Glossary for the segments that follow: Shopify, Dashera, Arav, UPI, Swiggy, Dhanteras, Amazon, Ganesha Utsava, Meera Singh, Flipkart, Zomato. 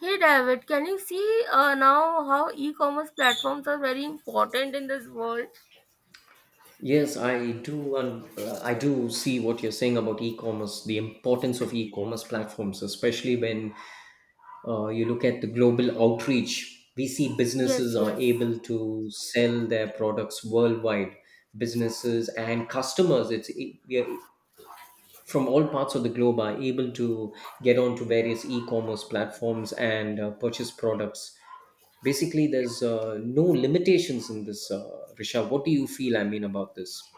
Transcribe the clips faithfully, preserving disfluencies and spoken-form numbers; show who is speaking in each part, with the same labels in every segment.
Speaker 1: Hey David, can you see uh, now how e-commerce platforms are very important in this world?
Speaker 2: Yes, I do, and uh, I do see what you're saying about e-commerce, the importance of e-commerce platforms, especially when uh, you look at the global outreach. We see
Speaker 1: Yes,
Speaker 2: businesses are
Speaker 1: yes.
Speaker 2: able to sell their products worldwide. Businesses and customers, it's it, we are- from all parts of the globe, are able to get onto various e-commerce platforms and uh, purchase products. Basically, there's uh, no limitations in this, uh, Risha. What do you feel? I mean about this?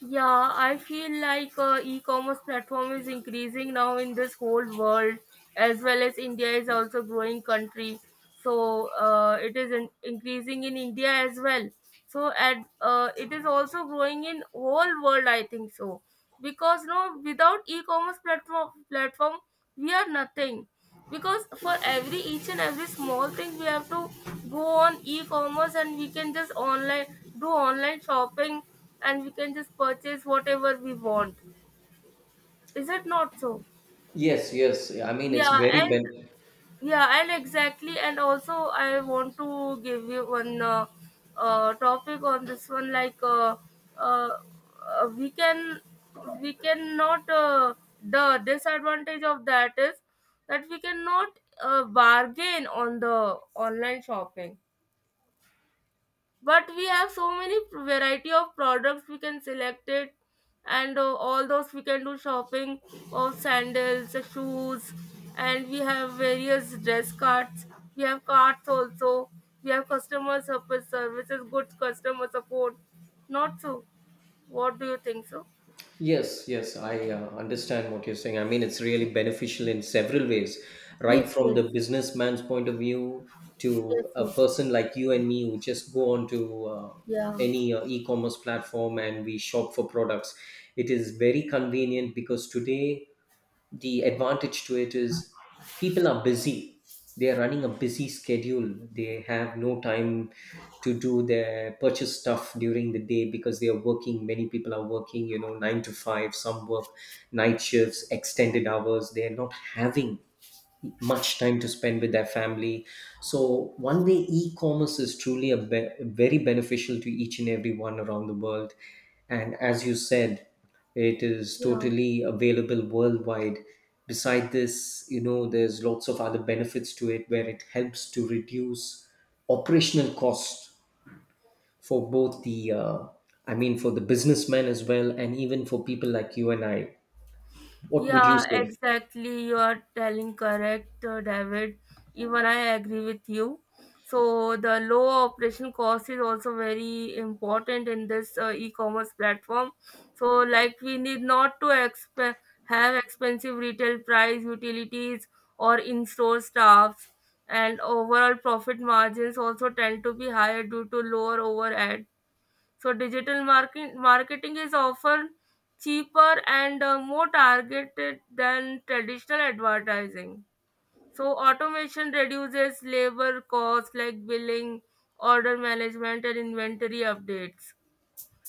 Speaker 1: Yeah, I feel like uh, e-commerce platform is increasing now in this whole world as well as India is also growing country. So uh, it is in- increasing in India as well. So at uh, it is also growing in whole world I think so because no without e-commerce platform platform we are nothing because for every each and every small thing we have to go on e-commerce and we can just online do online shopping and we can just purchase whatever we want is it not so?
Speaker 2: Yes, yes. Yeah, I mean, it's
Speaker 1: Yeah.
Speaker 2: very
Speaker 1: and
Speaker 2: ben.
Speaker 1: yeah and exactly and also I want to give you one uh, uh, topic on this one like uh, uh, uh, we can we cannot uh, the disadvantage of that is that we cannot uh, bargain on the online shopping, but we have so many variety of products we can select it, and uh, all those we can do shopping of sandals, uh, shoes, and we have various dress cards, we have cards also, we have customer service services good customer support, not so? What do you think so?
Speaker 2: Yes, yes. I uh, understand what you're saying. I mean, it's really beneficial in several ways, right
Speaker 1: Yes,
Speaker 2: from
Speaker 1: yes.
Speaker 2: the businessman's point of view
Speaker 1: Yes,
Speaker 2: to a
Speaker 1: yes.
Speaker 2: person like you and me who just go on to uh,
Speaker 1: Yeah.
Speaker 2: any uh, e-commerce platform and we shop for products. It is very convenient because today the advantage to it is people are busy, they are running a busy schedule, they have no time to do their purchase stuff during the day because they are working. Many people are working, you know, nine to five, some work night shifts, extended hours. They are not having much time to spend with their family. So, one way e commerce is truly a be- very beneficial to each and every one around the world. And as you said, it is
Speaker 1: Yeah.
Speaker 2: totally available worldwide. Beside this, you know, there's lots of other benefits to it where it helps to reduce operational costs for both the, uh, I mean, for the businessmen as well, and even for people like you and I. What would you
Speaker 1: Yeah,
Speaker 2: say?
Speaker 1: exactly. You are telling correct, uh, David. Even I agree with you. So the low operation cost is also very important in this uh, e-commerce platform. So like we need not to exp have expensive retail price, utilities, or in-store staffs, and overall profit margins also tend to be higher due to lower overhead. So digital market, marketing is often cheaper and uh, more targeted than traditional advertising. So automation reduces labor costs like billing, order management, and inventory updates.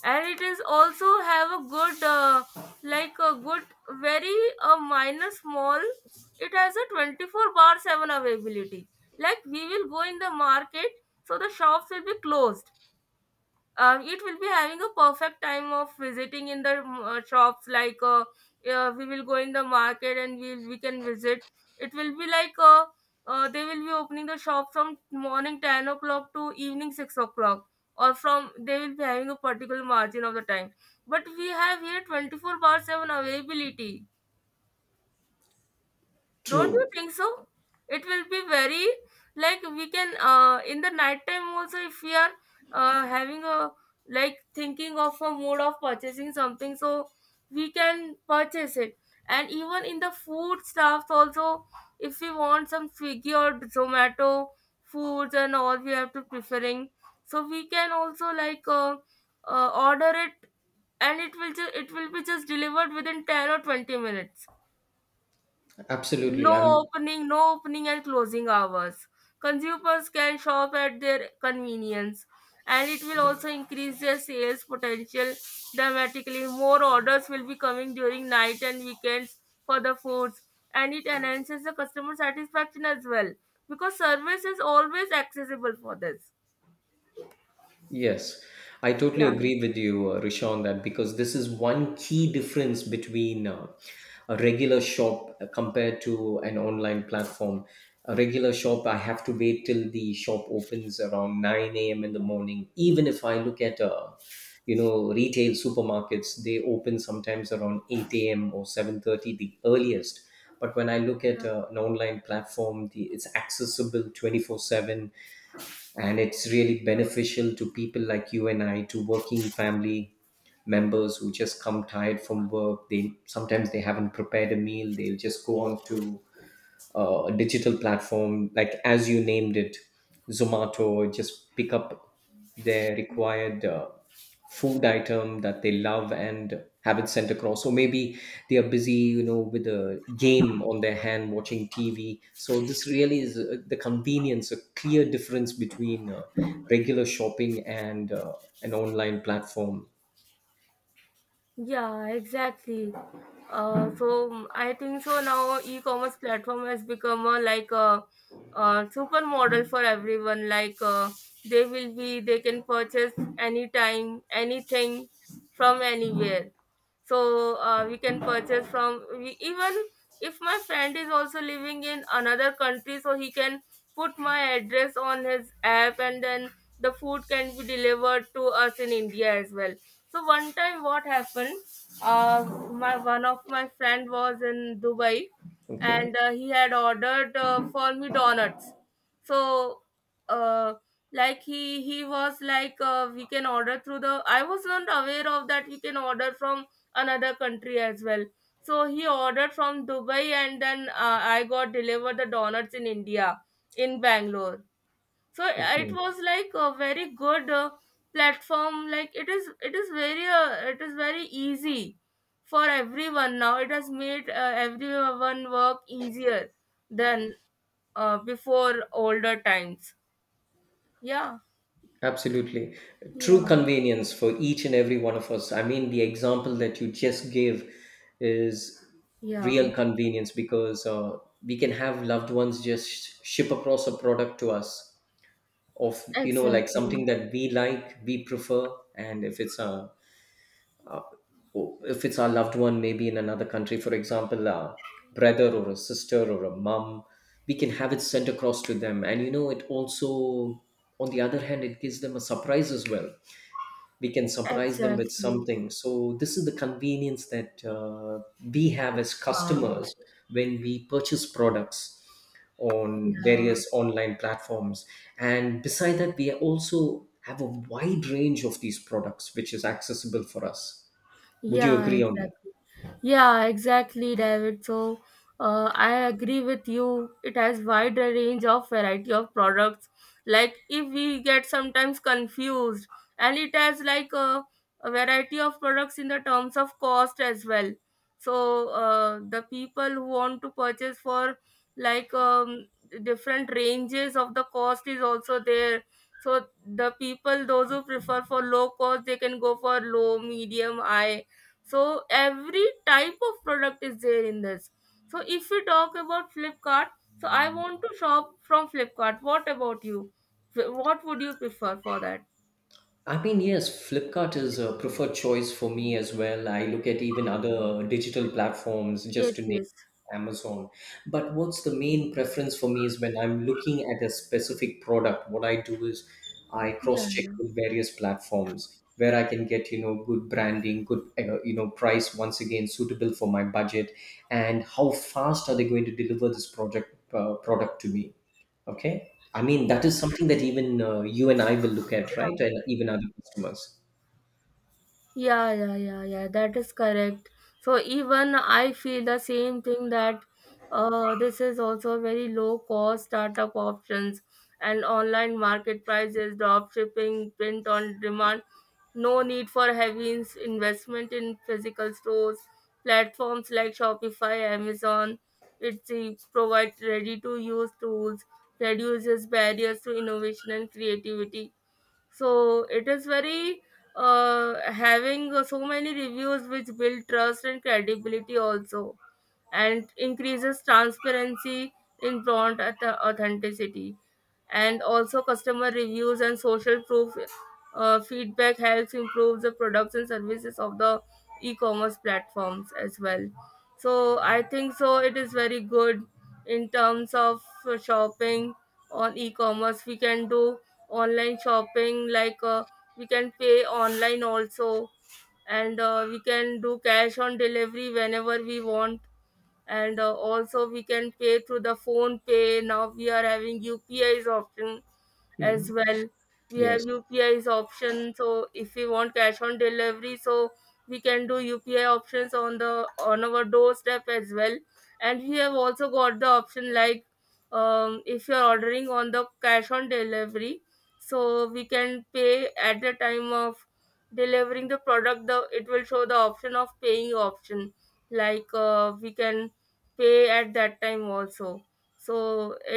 Speaker 1: And it is also have a good, uh, like a good, very uh, minor small. It has a twenty-four bar seven availability. Like we will go in the market, so the shops will be closed. Um, it will be having a perfect time of visiting in the mm, uh, shops like uh, uh, we will go in the market and we, we can visit. It will be like uh, uh, they will be opening the shop from morning ten o'clock to evening six o'clock, or from they will be having a particular margin of the time, but we have here twenty-four bar seven availability, don't
Speaker 2: True.
Speaker 1: you think so? It will be very, like we can uh, in the night time also, if we are uh, having a like thinking of a mode of purchasing something, so we can purchase it. And even in the food stuffs also, if we want some Swiggy or Zomato foods and all, we have to preferring. So we can also like uh, uh, order it, and it will just it will be just delivered within ten or twenty minutes.
Speaker 2: Absolutely.
Speaker 1: No
Speaker 2: I'm
Speaker 1: opening, no opening and closing hours. Consumers can shop at their convenience, and it will also increase their sales potential dramatically. More orders will be coming during night and weekends for the foods, and it enhances the customer satisfaction as well because service is always accessible for this.
Speaker 2: Yes, I totally
Speaker 1: Yeah.
Speaker 2: agree with you, uh, Rishon, that because this is one key difference between uh, a regular shop uh, compared to an online platform. A regular shop, I have to wait till the shop opens around nine a m in the morning. Even if I look at, uh, you know, retail supermarkets, they open sometimes around eight a m or seven thirty, the earliest. But when I look at uh, an online platform, the, it's accessible twenty-four seven, and it's really beneficial to people like you and I, to working family members who just come tired from work. They sometimes, they haven't prepared a meal, they'll just go on to uh, digital platform, like as you named it, Zomato, just pick up their required uh, food item that they love and have it sent across. Or maybe they are busy, you know, with a game on their hand, watching T V. So this really is uh, the convenience, a clear difference between uh, regular shopping and uh, an online platform.
Speaker 1: Yeah, exactly. Uh, so mm, I think so now e-commerce platform has become a, like a, a supermodel for everyone. Like uh, they will be, they can purchase anytime, anything from anywhere. So uh, we can purchase from we, even if my friend is also living in another country, so he can put my address on his app, and then the food can be delivered to us in India as well. So one time what happened, uh, my one of my friend was in Dubai,
Speaker 2: Okay.
Speaker 1: and uh, he had ordered uh, for me donuts. So uh like he he was like uh, we can order through the I was not aware of that we can order from another country as well. So he ordered from Dubai, and then uh, I got delivered the donuts in India, in Bangalore. So uh, it
Speaker 2: Okay.
Speaker 1: was like a very good uh, platform. Like it is it is very uh, it is very easy for everyone now. It has made uh, everyone work easier than uh, before older times. Yeah.
Speaker 2: Absolutely. True
Speaker 1: Yeah.
Speaker 2: convenience for each and every one of us. I mean, the example that you just gave is
Speaker 1: Yeah,
Speaker 2: real convenience because uh, we can have loved ones just ship across a product to us of, you know, like
Speaker 1: exactly.
Speaker 2: something that we like, we prefer. And if it's a, if it's our loved one, maybe in another country, for example, a brother or a sister or a mom, we can have it sent across to them. And, you know, it also, on the other hand, it gives them a surprise as well. We can surprise them with
Speaker 1: Exactly.
Speaker 2: something. So this is the convenience that uh, we have as
Speaker 1: uh,
Speaker 2: customers when we purchase products on
Speaker 1: yeah.
Speaker 2: various online platforms. And beside that, we also have a wide range of these products which is accessible for us. Would you
Speaker 1: Yeah,
Speaker 2: agree on that?
Speaker 1: exactly. Yeah, exactly, David. So, uh, I agree with you. It has wider range of variety of products. Like if we get sometimes confused, and it has like a, a variety of products in the terms of cost as well. So, uh, the people who want to purchase for like um, different ranges of the cost is also there. So the people, those who prefer for low cost, they can go for low, medium, high. So every type of product is there in this. So if we talk about Flipkart, so I want to shop from Flipkart. What about you? Wh- what would you prefer for that?
Speaker 2: I mean, yes, Flipkart is a preferred choice for me as well. I look at even other digital platforms, just
Speaker 1: Yes,
Speaker 2: to name
Speaker 1: yes.
Speaker 2: Amazon. But what's the main preference for me is when I'm looking at a specific product, what I do is I
Speaker 1: Yeah,
Speaker 2: cross-check
Speaker 1: yeah.
Speaker 2: with various platforms where I can get, you know, good branding, good, uh, you know, price once again suitable for my budget, and how fast are they going to deliver this project uh, product to me? Okay. I mean, that is something that even uh, you and I will look at, right?
Speaker 1: Yeah.
Speaker 2: And even other customers.
Speaker 1: Yeah, yeah, yeah, yeah, that is correct. So even I feel the same thing that uh, this is also very low cost startup options and online market prices, drop shipping, print on demand, no need for heavy ins- investment in physical stores, platforms like Shopify, Amazon, it's it provides ready to use tools, reduces barriers to innovation and creativity. So it is very uh, having so many reviews which build trust and credibility also, and increases transparency in brand at the authenticity, and also customer reviews and social proof. Uh, feedback helps improve the products and services of the e-commerce platforms as well. So I think so it is very good in terms of uh, shopping. On e-commerce we can do online shopping, like uh, we can pay online also, and uh, we can do cash on delivery whenever we want. And uh, also we can pay through the phone pay. Now we are having upis option as
Speaker 2: Mhm.
Speaker 1: well. We have
Speaker 2: Yes.
Speaker 1: upis option. So if we want cash on delivery, so we can do upi options on the on our doorstep as well. And we have also got the option like um, if you're ordering on the cash on delivery, so we can pay at the time of delivering the product the it will show the option of paying option. Like uh, we can pay at that time also. So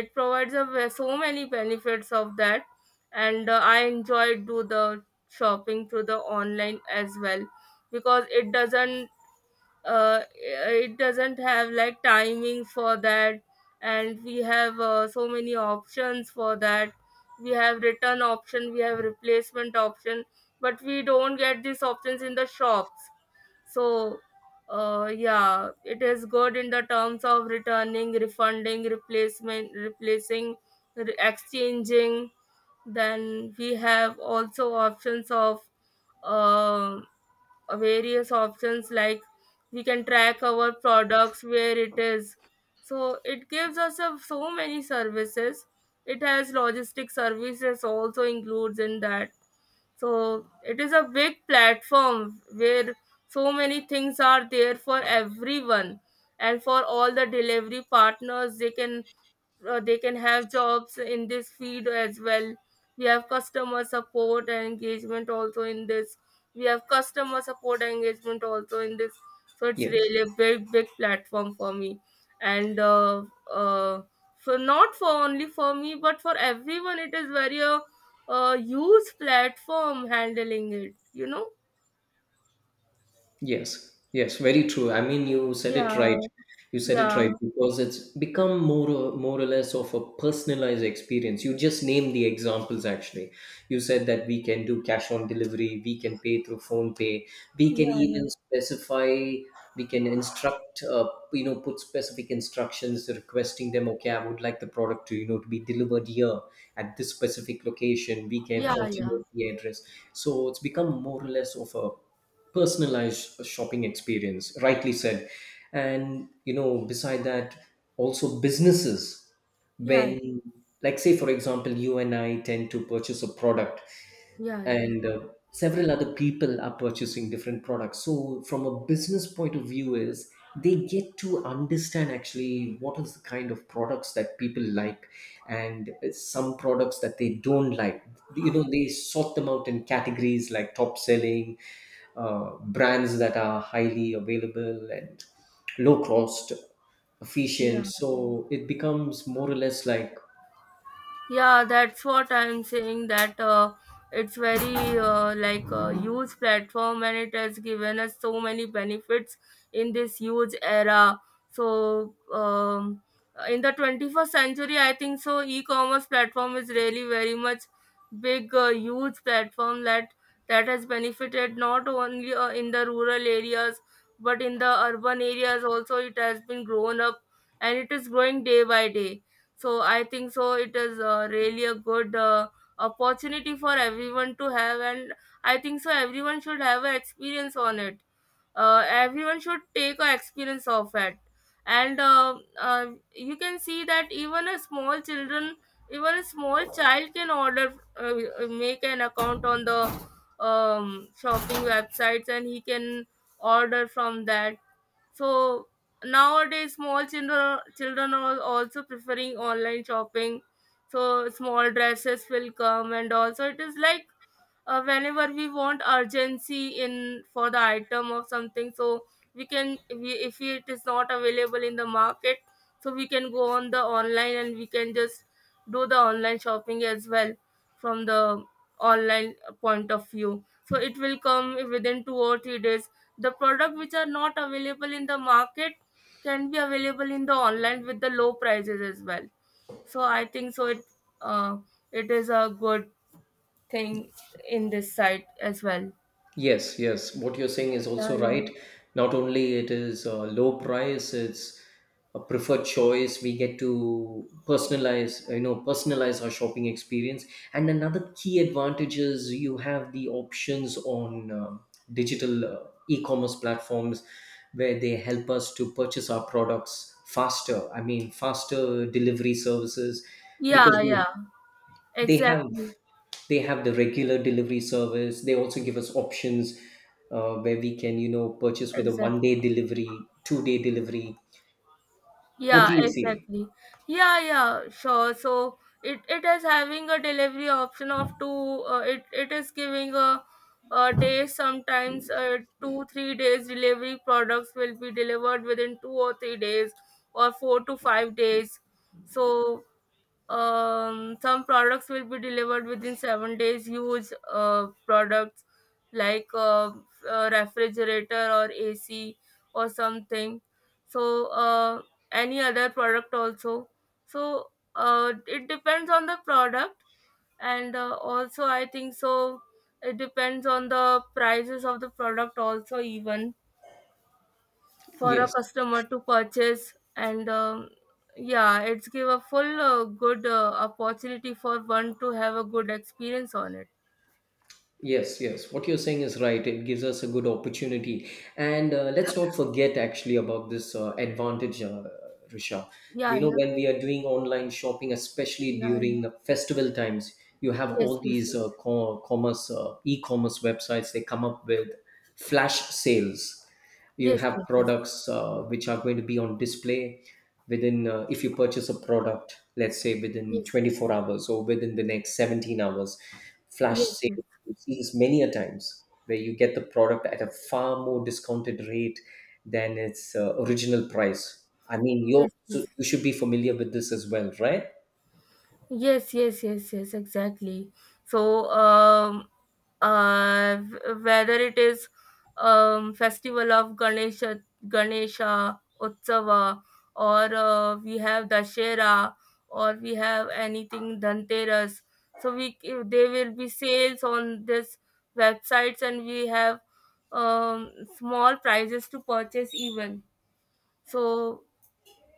Speaker 1: it provides a ve- so many benefits of that. And uh, I enjoy do the shopping through the online as well, because it doesn't uh, it doesn't have like timing for that, and we have uh, so many options for that. We have return option, we have replacement option, but we don't get these options in the shops. So, uh, yeah, it is good in the terms of returning, refunding, replacement, replacing, re- exchanging. Then we have also options of uh, various options like we can track our products where it is. So it gives us a, so many services. It has logistic services also includes in that. So it is a big platform where so many things are there for everyone, and for all the delivery partners they can uh, they can have jobs in this field as well. We have customer support and engagement also in this. We have customer support and engagement also in this So it's
Speaker 2: Yes.
Speaker 1: really a big big platform for me. And uh, uh, for not for only for me, but for everyone it is very a uh, uh, huge platform handling it, you know.
Speaker 2: Yes, yes, very true. I mean, you said it right.
Speaker 1: Yeah.
Speaker 2: You said it right
Speaker 1: Yeah.
Speaker 2: because it's become more or, more or less of a personalized experience. You just name the examples actually. You said that we can do cash on delivery, we can pay through phone pay, we can
Speaker 1: Yeah. Yeah.
Speaker 2: even specify, we can instruct, uh, you know, put specific instructions requesting them, okay, I would like the product to, you know, to be delivered here at this specific location. We can
Speaker 1: Yeah. Yeah.
Speaker 2: alternate the address. So it's become more or less of a personalized shopping experience, rightly said. And you know, beside that, also businesses,
Speaker 1: Yeah,
Speaker 2: when, like say for example, you and I tend to purchase a product,
Speaker 1: yeah yeah
Speaker 2: and uh, several other people are purchasing different products, so from a business point of view is they get to understand actually what is the kind of products that people like, and uh, some products that they don't like, you know, they sort them out in categories like top selling, uh, brands that are highly available and low cost, efficient.
Speaker 1: yeah
Speaker 2: So it becomes more or less like
Speaker 1: Yeah, that's what I'm saying. That uh, it's very uh, like a huge platform, and it has given us so many benefits in this huge era. So, um, in the twenty-first century, I think so. E-commerce platform is really very much big, uh, huge platform that that has benefited not only uh, in the rural areas, but in the urban areas also. It has been grown up, and it is growing day by day. So I think so it is uh, really a good uh, opportunity for everyone to have, and I think so everyone should have an experience on it. Uh, everyone should take a experience of it. And uh, uh, you can see that even a small children, even a small child can order uh, uh, make an account on the um, shopping websites, and he can order from that. So nowadays, small children children are also preferring online shopping. So small dresses will come, and also it is like uh, whenever we want urgency in for the item or something, so we can we, if it is not available in the market, so we can go on the online, and we can just do the online shopping as well from the online point of view. So it will come within two or three days. The product which are not available in the market can be available in the online with the low prices as well. So I think so it uh, it is a good thing in this side as well.
Speaker 2: Yes, yes. What you're saying is
Speaker 1: Yeah,
Speaker 2: also
Speaker 1: yeah.
Speaker 2: right. Not only it is a low price, it's a preferred choice. We get to personalize, you know, personalize our shopping experience. And another key advantage is you have the options on um digital uh, e-commerce platforms where they help us to purchase our products faster. I mean, faster delivery services
Speaker 1: Yeah,
Speaker 2: because we
Speaker 1: yeah.
Speaker 2: they have
Speaker 1: Exactly.
Speaker 2: they have the regular delivery service. They also give us options uh, where we can, you know, purchase with a
Speaker 1: Exactly.
Speaker 2: one day delivery, two day delivery. What
Speaker 1: Yeah,
Speaker 2: do you feel?
Speaker 1: exactly. Yeah, yeah, sure. So it it is having a delivery option of two. Uh, it it is giving a, a day, sometimes uh, two three days, delivery products will be delivered within two or three days or four to five days. So Um, some products will be delivered within seven days. Huge uh, products like uh, a refrigerator or A C or something. So uh, any other product also. So uh, it depends on the product, and uh, also I think so. It depends on the prices of the product also, even for a
Speaker 2: Yes.
Speaker 1: customer to purchase. And um, Yeah, it's give a full uh, good uh, opportunity for one to have a good experience on it.
Speaker 2: Yes, yes. What you're saying is right. It gives us a good opportunity. And uh, let's not forget actually about this uh, advantage, uh, Risha.
Speaker 1: Yeah,
Speaker 2: We know
Speaker 1: yeah,
Speaker 2: when we are doing online shopping, especially
Speaker 1: yeah, yeah.
Speaker 2: during the festival times, you have
Speaker 1: Yes,
Speaker 2: all
Speaker 1: yes,
Speaker 2: these uh, co- commerce, uh, e-commerce websites. They come up with flash sales. You
Speaker 1: yes,
Speaker 2: have
Speaker 1: yes, yes,
Speaker 2: products uh, which are going to be on display within, uh, if you purchase a product, let's say
Speaker 1: yes,
Speaker 2: within
Speaker 1: yes, yes,
Speaker 2: twenty-four hours or within the next seventeen hours, flash
Speaker 1: yes, yes,
Speaker 2: sales. You see this many a times where you get the product at a far more discounted rate than its uh, original price. I mean, you
Speaker 1: yes,
Speaker 2: so
Speaker 1: yes.
Speaker 2: you should be familiar with this as well, right?
Speaker 1: Yes, yes, yes, yes, exactly. So, um, uh, W- whether it is, um, festival of Ganesha, Ganesha Utsava, or uh, we have Dashera, or we have anything Dhanteras, so we c- there will be sales on this websites, and we have, um, small prizes to purchase even. So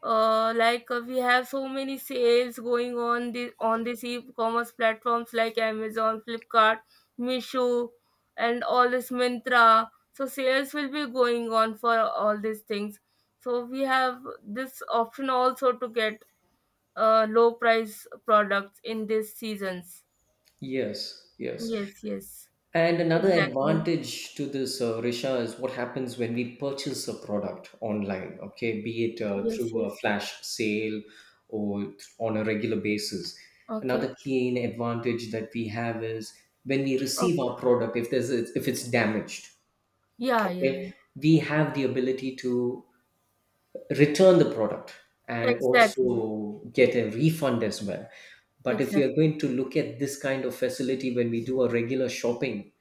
Speaker 1: uh, like uh, we have so many sales going on the on these e-commerce platforms like Amazon, Flipkart, Misho, and all this Mintra. So sales will be going on for all these things. So we have this option also to get uh, low price products in these seasons.
Speaker 2: Yes, yes.
Speaker 1: Yes, yes,
Speaker 2: And another
Speaker 1: exactly.
Speaker 2: advantage to this, uh, Risha, is what happens when we purchase a product online, okay, be it uh,
Speaker 1: Yes,
Speaker 2: through
Speaker 1: yes.
Speaker 2: a flash sale or th- on a regular basis.
Speaker 1: Okay,
Speaker 2: Another keen advantage that we have is when we receive
Speaker 1: okay.
Speaker 2: our product, if there's if it's damaged,
Speaker 1: Yeah, yeah, yeah.
Speaker 2: okay, we have the ability to return the product and
Speaker 1: Exactly,
Speaker 2: also get a refund as well. But if we are
Speaker 1: exactly,
Speaker 2: going to look at this kind of facility when we do a regular shopping,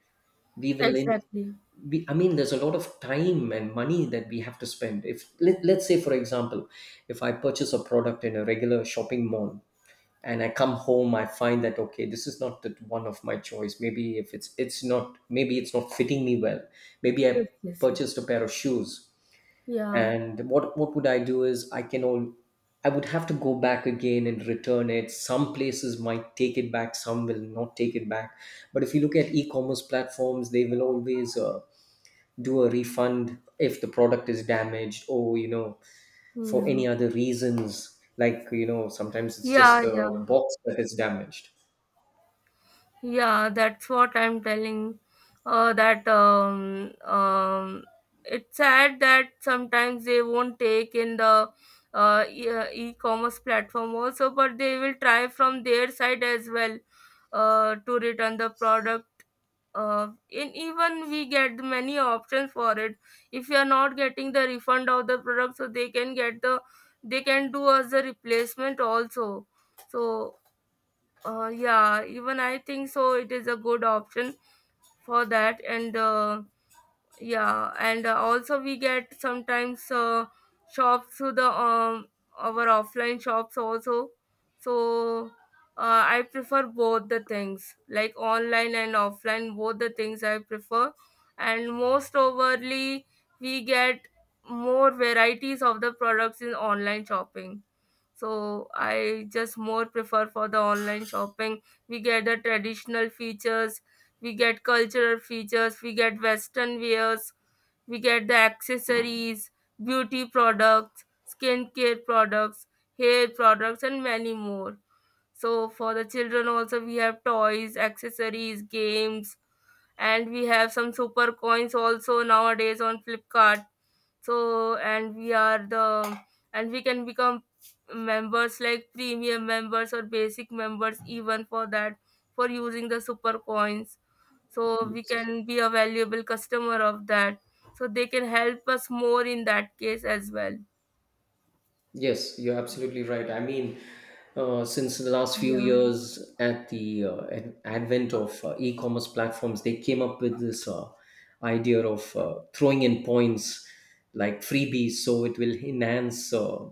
Speaker 2: we will in
Speaker 1: exactly.
Speaker 2: we, I mean, there's a lot of time and money that we have to spend. If let, let's say, for example, if I purchase a product in a regular shopping mall and I come home, I find that okay, this is not the one of my choice. Maybe if it's it's not, maybe it's not fitting me well. Maybe I
Speaker 1: Yes, yes, yes.
Speaker 2: purchased a pair of shoes,
Speaker 1: Yeah,
Speaker 2: and what what would I do is I can all I would have to go back again and return it. Some places might take it back, some will not take it back. But if you look at e-commerce platforms, they will always uh, do a refund if the product is damaged, or you know, for
Speaker 1: yeah,
Speaker 2: any other reasons, like you know, sometimes it's just
Speaker 1: yeah,
Speaker 2: the
Speaker 1: yeah,
Speaker 2: box that is damaged.
Speaker 1: yeah. That's what I'm telling. Uh, that um, um, It's sad that sometimes they won't take in the uh, e- uh, e-commerce platform also, but they will try from their side as well uh, to return the product. Uh, and even we get many options for it. If you are not getting the refund of the product, so they can get the they can do as a replacement also. So Uh, yeah, even I think so. It is a good option for that, and uh, yeah, and uh, also we get sometimes uh, shops to the um our offline shops also. So uh, I prefer both the things, like online and offline, both the things I prefer, and most overly we get more varieties of the products in online shopping. So I just more prefer for the online shopping. We get the traditional features, we get cultural features, we get western wears, we get the accessories, beauty products, skincare products, hair products, and many more. So for the children also we have toys, accessories, games, and we have some super coins also nowadays on Flipkart. So and we are the and we can become members, like premium members or basic members, even for that, for using the super coins. So we can be a valuable customer of that, so they can help us more in that case as well.
Speaker 2: Yes, you're absolutely right. I mean, uh, since the last few
Speaker 1: Yeah,
Speaker 2: years, at the uh, ad- advent of uh, e-commerce platforms, they came up with this uh, idea of uh, throwing in points like freebies, so it will enhance uh,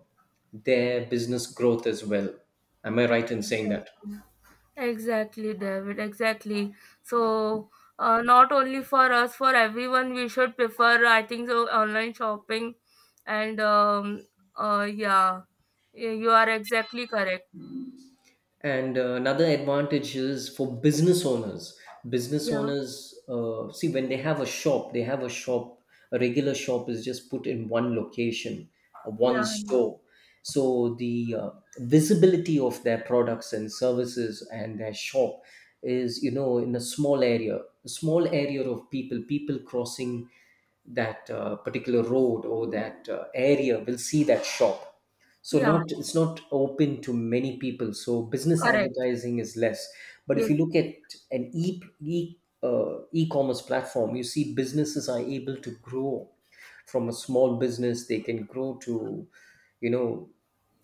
Speaker 2: their business growth as well. Am I right in saying that?
Speaker 1: exactly. Exactly, David. Exactly. So, uh, Not only for us, for everyone, we should prefer, I think, so online shopping. And um, uh, Yeah, you you are exactly correct.
Speaker 2: And uh, another advantage is for business owners. Business
Speaker 1: Yeah,
Speaker 2: owners uh, see, when they have a shop, they have a shop a regular shop is just put in one location, uh, one
Speaker 1: yeah,
Speaker 2: store. So the uh, visibility of their products and services and their shop is, you know, in a small area, a small area of people. People crossing that uh, particular road or that uh, area will see that shop. So
Speaker 1: yeah,
Speaker 2: not it's not open to many people, so business
Speaker 1: correct.
Speaker 2: advertising is less. But if
Speaker 1: Yes,
Speaker 2: you look
Speaker 1: yes,
Speaker 2: at an e, e uh, e-commerce platform, you see businesses are able to grow. From a small business, they can grow to, you know,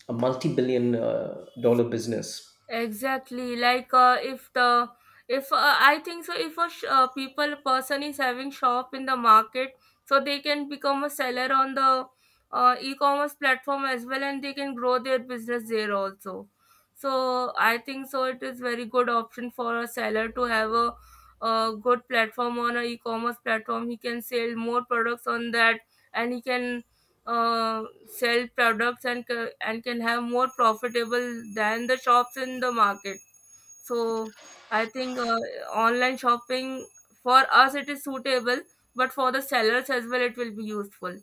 Speaker 2: a multi-billion uh, dollar business.
Speaker 1: exactly. Like uh, if the if uh, I think so, if a sh- uh, people person is having shop in the market, so they can become a seller on the uh, e-commerce platform as well, and they can grow their business there also. So I think so, it is very good option for a seller to have a, a good platform on a e-commerce platform. He can sell more products on that, and he can uh, sell products and ca- and can have more profitable than the shops in the market. So I think uh, online shopping for us it is suitable, but for the sellers as well it will be useful.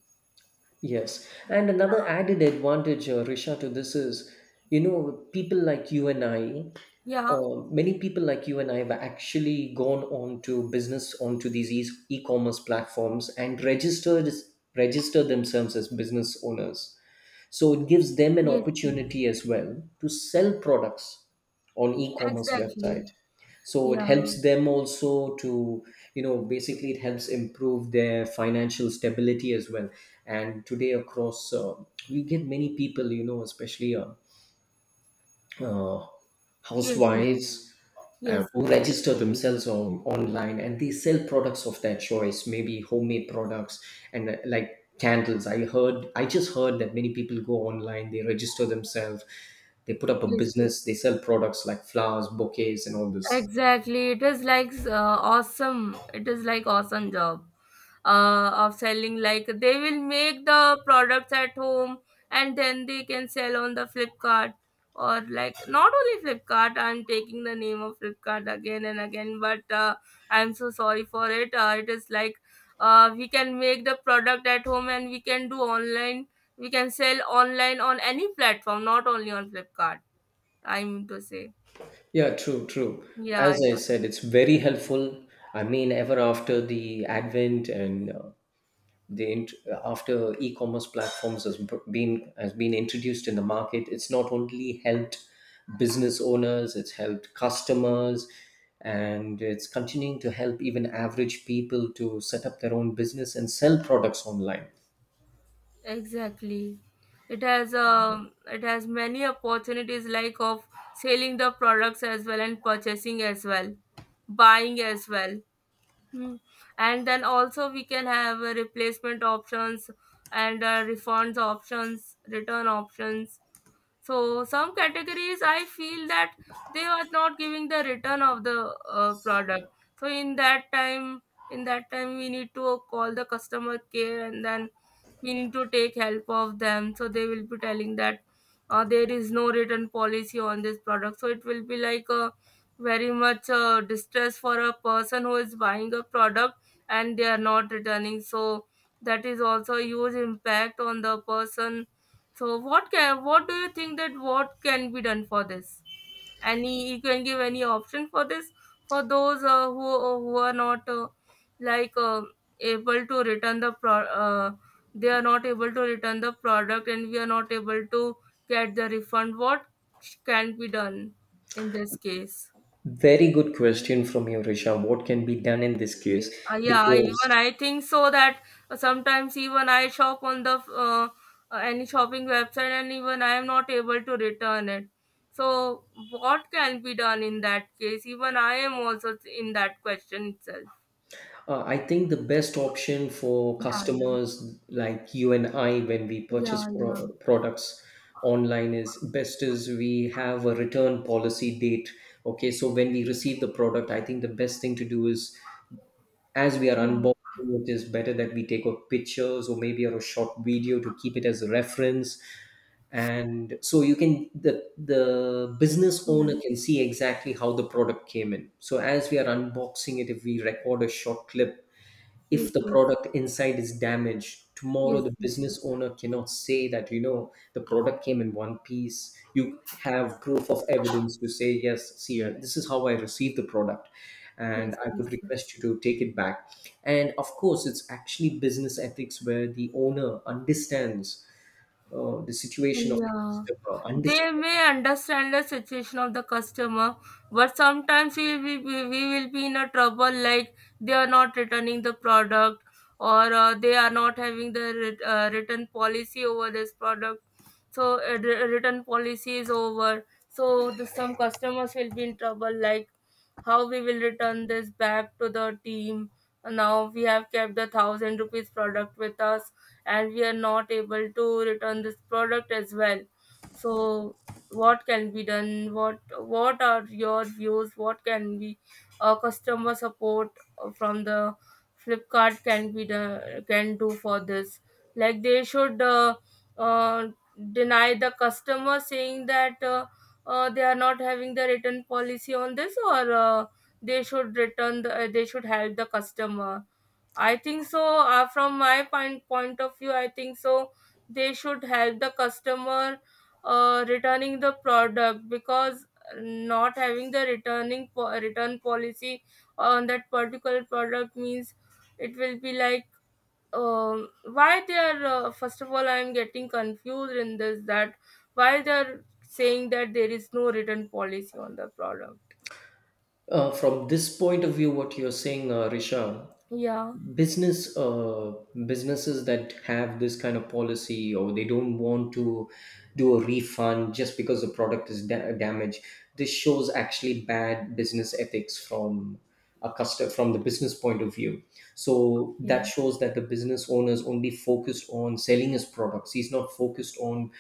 Speaker 2: Yes, and another added advantage, uh, Risha, to this is, you know, people like you and I,
Speaker 1: Yeah,
Speaker 2: uh, many people like you and I have actually gone on to business onto these e- e-commerce platforms and registered register themselves as business owners. So it gives them an
Speaker 1: yes, yes,
Speaker 2: opportunity as well to sell products on e-commerce website.
Speaker 1: exactly.
Speaker 2: So it
Speaker 1: Yeah,
Speaker 2: helps them also to, you know, basically it helps improve their financial stability as well. And today across uh, we get many people, you know, especially uh, uh,
Speaker 1: yes, yes,
Speaker 2: housewives uh,
Speaker 1: yes,
Speaker 2: who
Speaker 1: yes,
Speaker 2: register themselves on online, and they sell products of their choice, maybe homemade products, and uh, like candles. i heard I just heard that many people go online, they register themselves, they put up a
Speaker 1: yes, yes.
Speaker 2: business, they sell products like flowers, bouquets, and all this.
Speaker 1: Exactly. It is like uh, awesome. It is like awesome job uh, of selling. Like they will make the products at home, and then they can sell on the Flipkart. Or, like, not only Flipkart. I'm taking the name of Flipkart again and again, but uh, I'm so sorry for it. Uh, it is like, uh, we can make the product at home, and we can do online. We can sell online on any platform, not only on Flipkart. I mean to say,
Speaker 2: Yeah, true true As
Speaker 1: yeah.
Speaker 2: I said, it's very helpful. I mean, ever after the advent and uh, the int- after e-commerce platforms has b- been has been introduced in the market, it's not only helped business owners, it's helped customers, and it's continuing to help even average people to set up their own business and sell products online.
Speaker 1: Exactly. It has um, it has many opportunities, like of selling the products as well and purchasing as well, buying as well. Hmm. And then also we can have uh, replacement options, and uh, refunds options, return options. So some categories I feel that they are not giving the return of the uh, product. So in that time, in that time we need to call the customer care, and then we need to take help of them. So they will be telling that, uh, there is no return policy on this product, so it will be like a very much uh, distress for a person who is buying a product and they are not returning. So that is also a huge impact on the person. So what can, what do you think that what can be done for this? Any, you can give any option for this, for those uh, who uh, who are not uh, like uh, able to return the pro uh, they are not able to return the product, and we are not able to get the refund. What can be done in this case?
Speaker 2: Very good question from you, Risha. What can be done in this case?
Speaker 1: Uh, yeah,
Speaker 2: Because
Speaker 1: even I think so that uh, sometimes even I shop on the uh, uh, any shopping website, and even I am not able to return it. So what can be done in that case? Even I am also in that question itself.
Speaker 2: Uh, I think the best option for
Speaker 1: Yeah, yeah,
Speaker 2: customers like you and I when we
Speaker 1: yeah,
Speaker 2: purchase
Speaker 1: yeah,
Speaker 2: pro- products online is best is we have a return policy date. Okay, so when we receive the product, I think the best thing to do is as we are
Speaker 1: yeah,
Speaker 2: unboxing, it is better that we take up pictures or maybe a short video to keep it as a reference. And so you can the the business
Speaker 1: yeah.
Speaker 2: owner can see exactly how the product came in. So as we are unboxing it, if we record a short clip,
Speaker 1: Yes,
Speaker 2: if the
Speaker 1: yes,
Speaker 2: product inside is damaged tomorrow,
Speaker 1: yes,
Speaker 2: the
Speaker 1: yes, yes,
Speaker 2: business owner cannot say that, you know, the product came in one piece. You have proof of evidence to say, yes, see, uh, this is how I received the product, and
Speaker 1: yes,
Speaker 2: I
Speaker 1: yes,
Speaker 2: would
Speaker 1: yes.
Speaker 2: request you to take it back. And of course, it's actually business ethics where the owner understands uh, the situation of the
Speaker 1: Yeah,
Speaker 2: customer,
Speaker 1: they
Speaker 2: understands
Speaker 1: may understand the situation of the customer, but sometimes we we, we we will be in a trouble, like they are not returning the product, or uh, they are not having the ret- uh, return policy over this product. So uh, re- return policy is over. So the, some customers will be in trouble, like how we will return this back to the team. Now we have kept the thousand rupees product with us, and we are not able to return this product as well. So what can be done? what what are your views? What can be uh, customer support from the Flipkart can be the can do for this? Like, they should uh, uh, deny the customer, saying that uh, uh, they are not having the return policy on this. Or uh, they should return the, uh, they should help the customer. I think so. Uh, from my point point of view, I think so, they should help the customer uh, returning the product, because not having the returning po- return policy on that particular product means, it will be like, um, why they are, uh, first of all, I am getting confused in this, that why they are saying that there is no return policy on the product.
Speaker 2: Uh, from this point of view, what you're saying, uh, Risha,
Speaker 1: Yeah.
Speaker 2: business uh, businesses that have this kind of policy or they don't want to do a refund just because the product is da- damaged, this shows actually bad business ethics. From a customer, from the business point of view, so
Speaker 1: Yeah.
Speaker 2: that shows that the business owner is only focused on selling his products. He's not focused on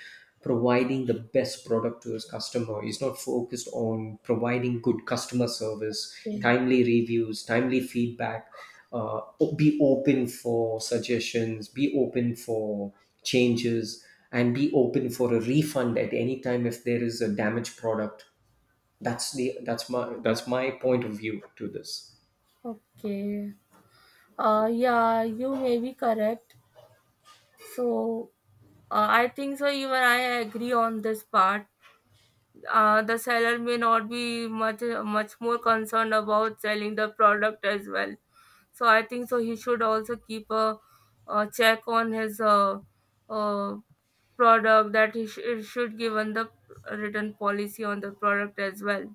Speaker 2: providing the best product to his customer. He's not focused on providing good customer service,
Speaker 1: Yeah.
Speaker 2: timely reviews, timely feedback. Uh, be open for suggestions, be open for changes, and be open for a refund at any time if there is a damaged product. That's the that's my that's my point of view to this.
Speaker 1: Okay. Uh, yeah, you may be correct. So, uh, I think so, even I agree on this part. Uh, the seller may not be much much more concerned about selling the product as well. So I think so, he should also keep a, a check on his uh, uh, product, that he sh- should give on the written policy on the product as well.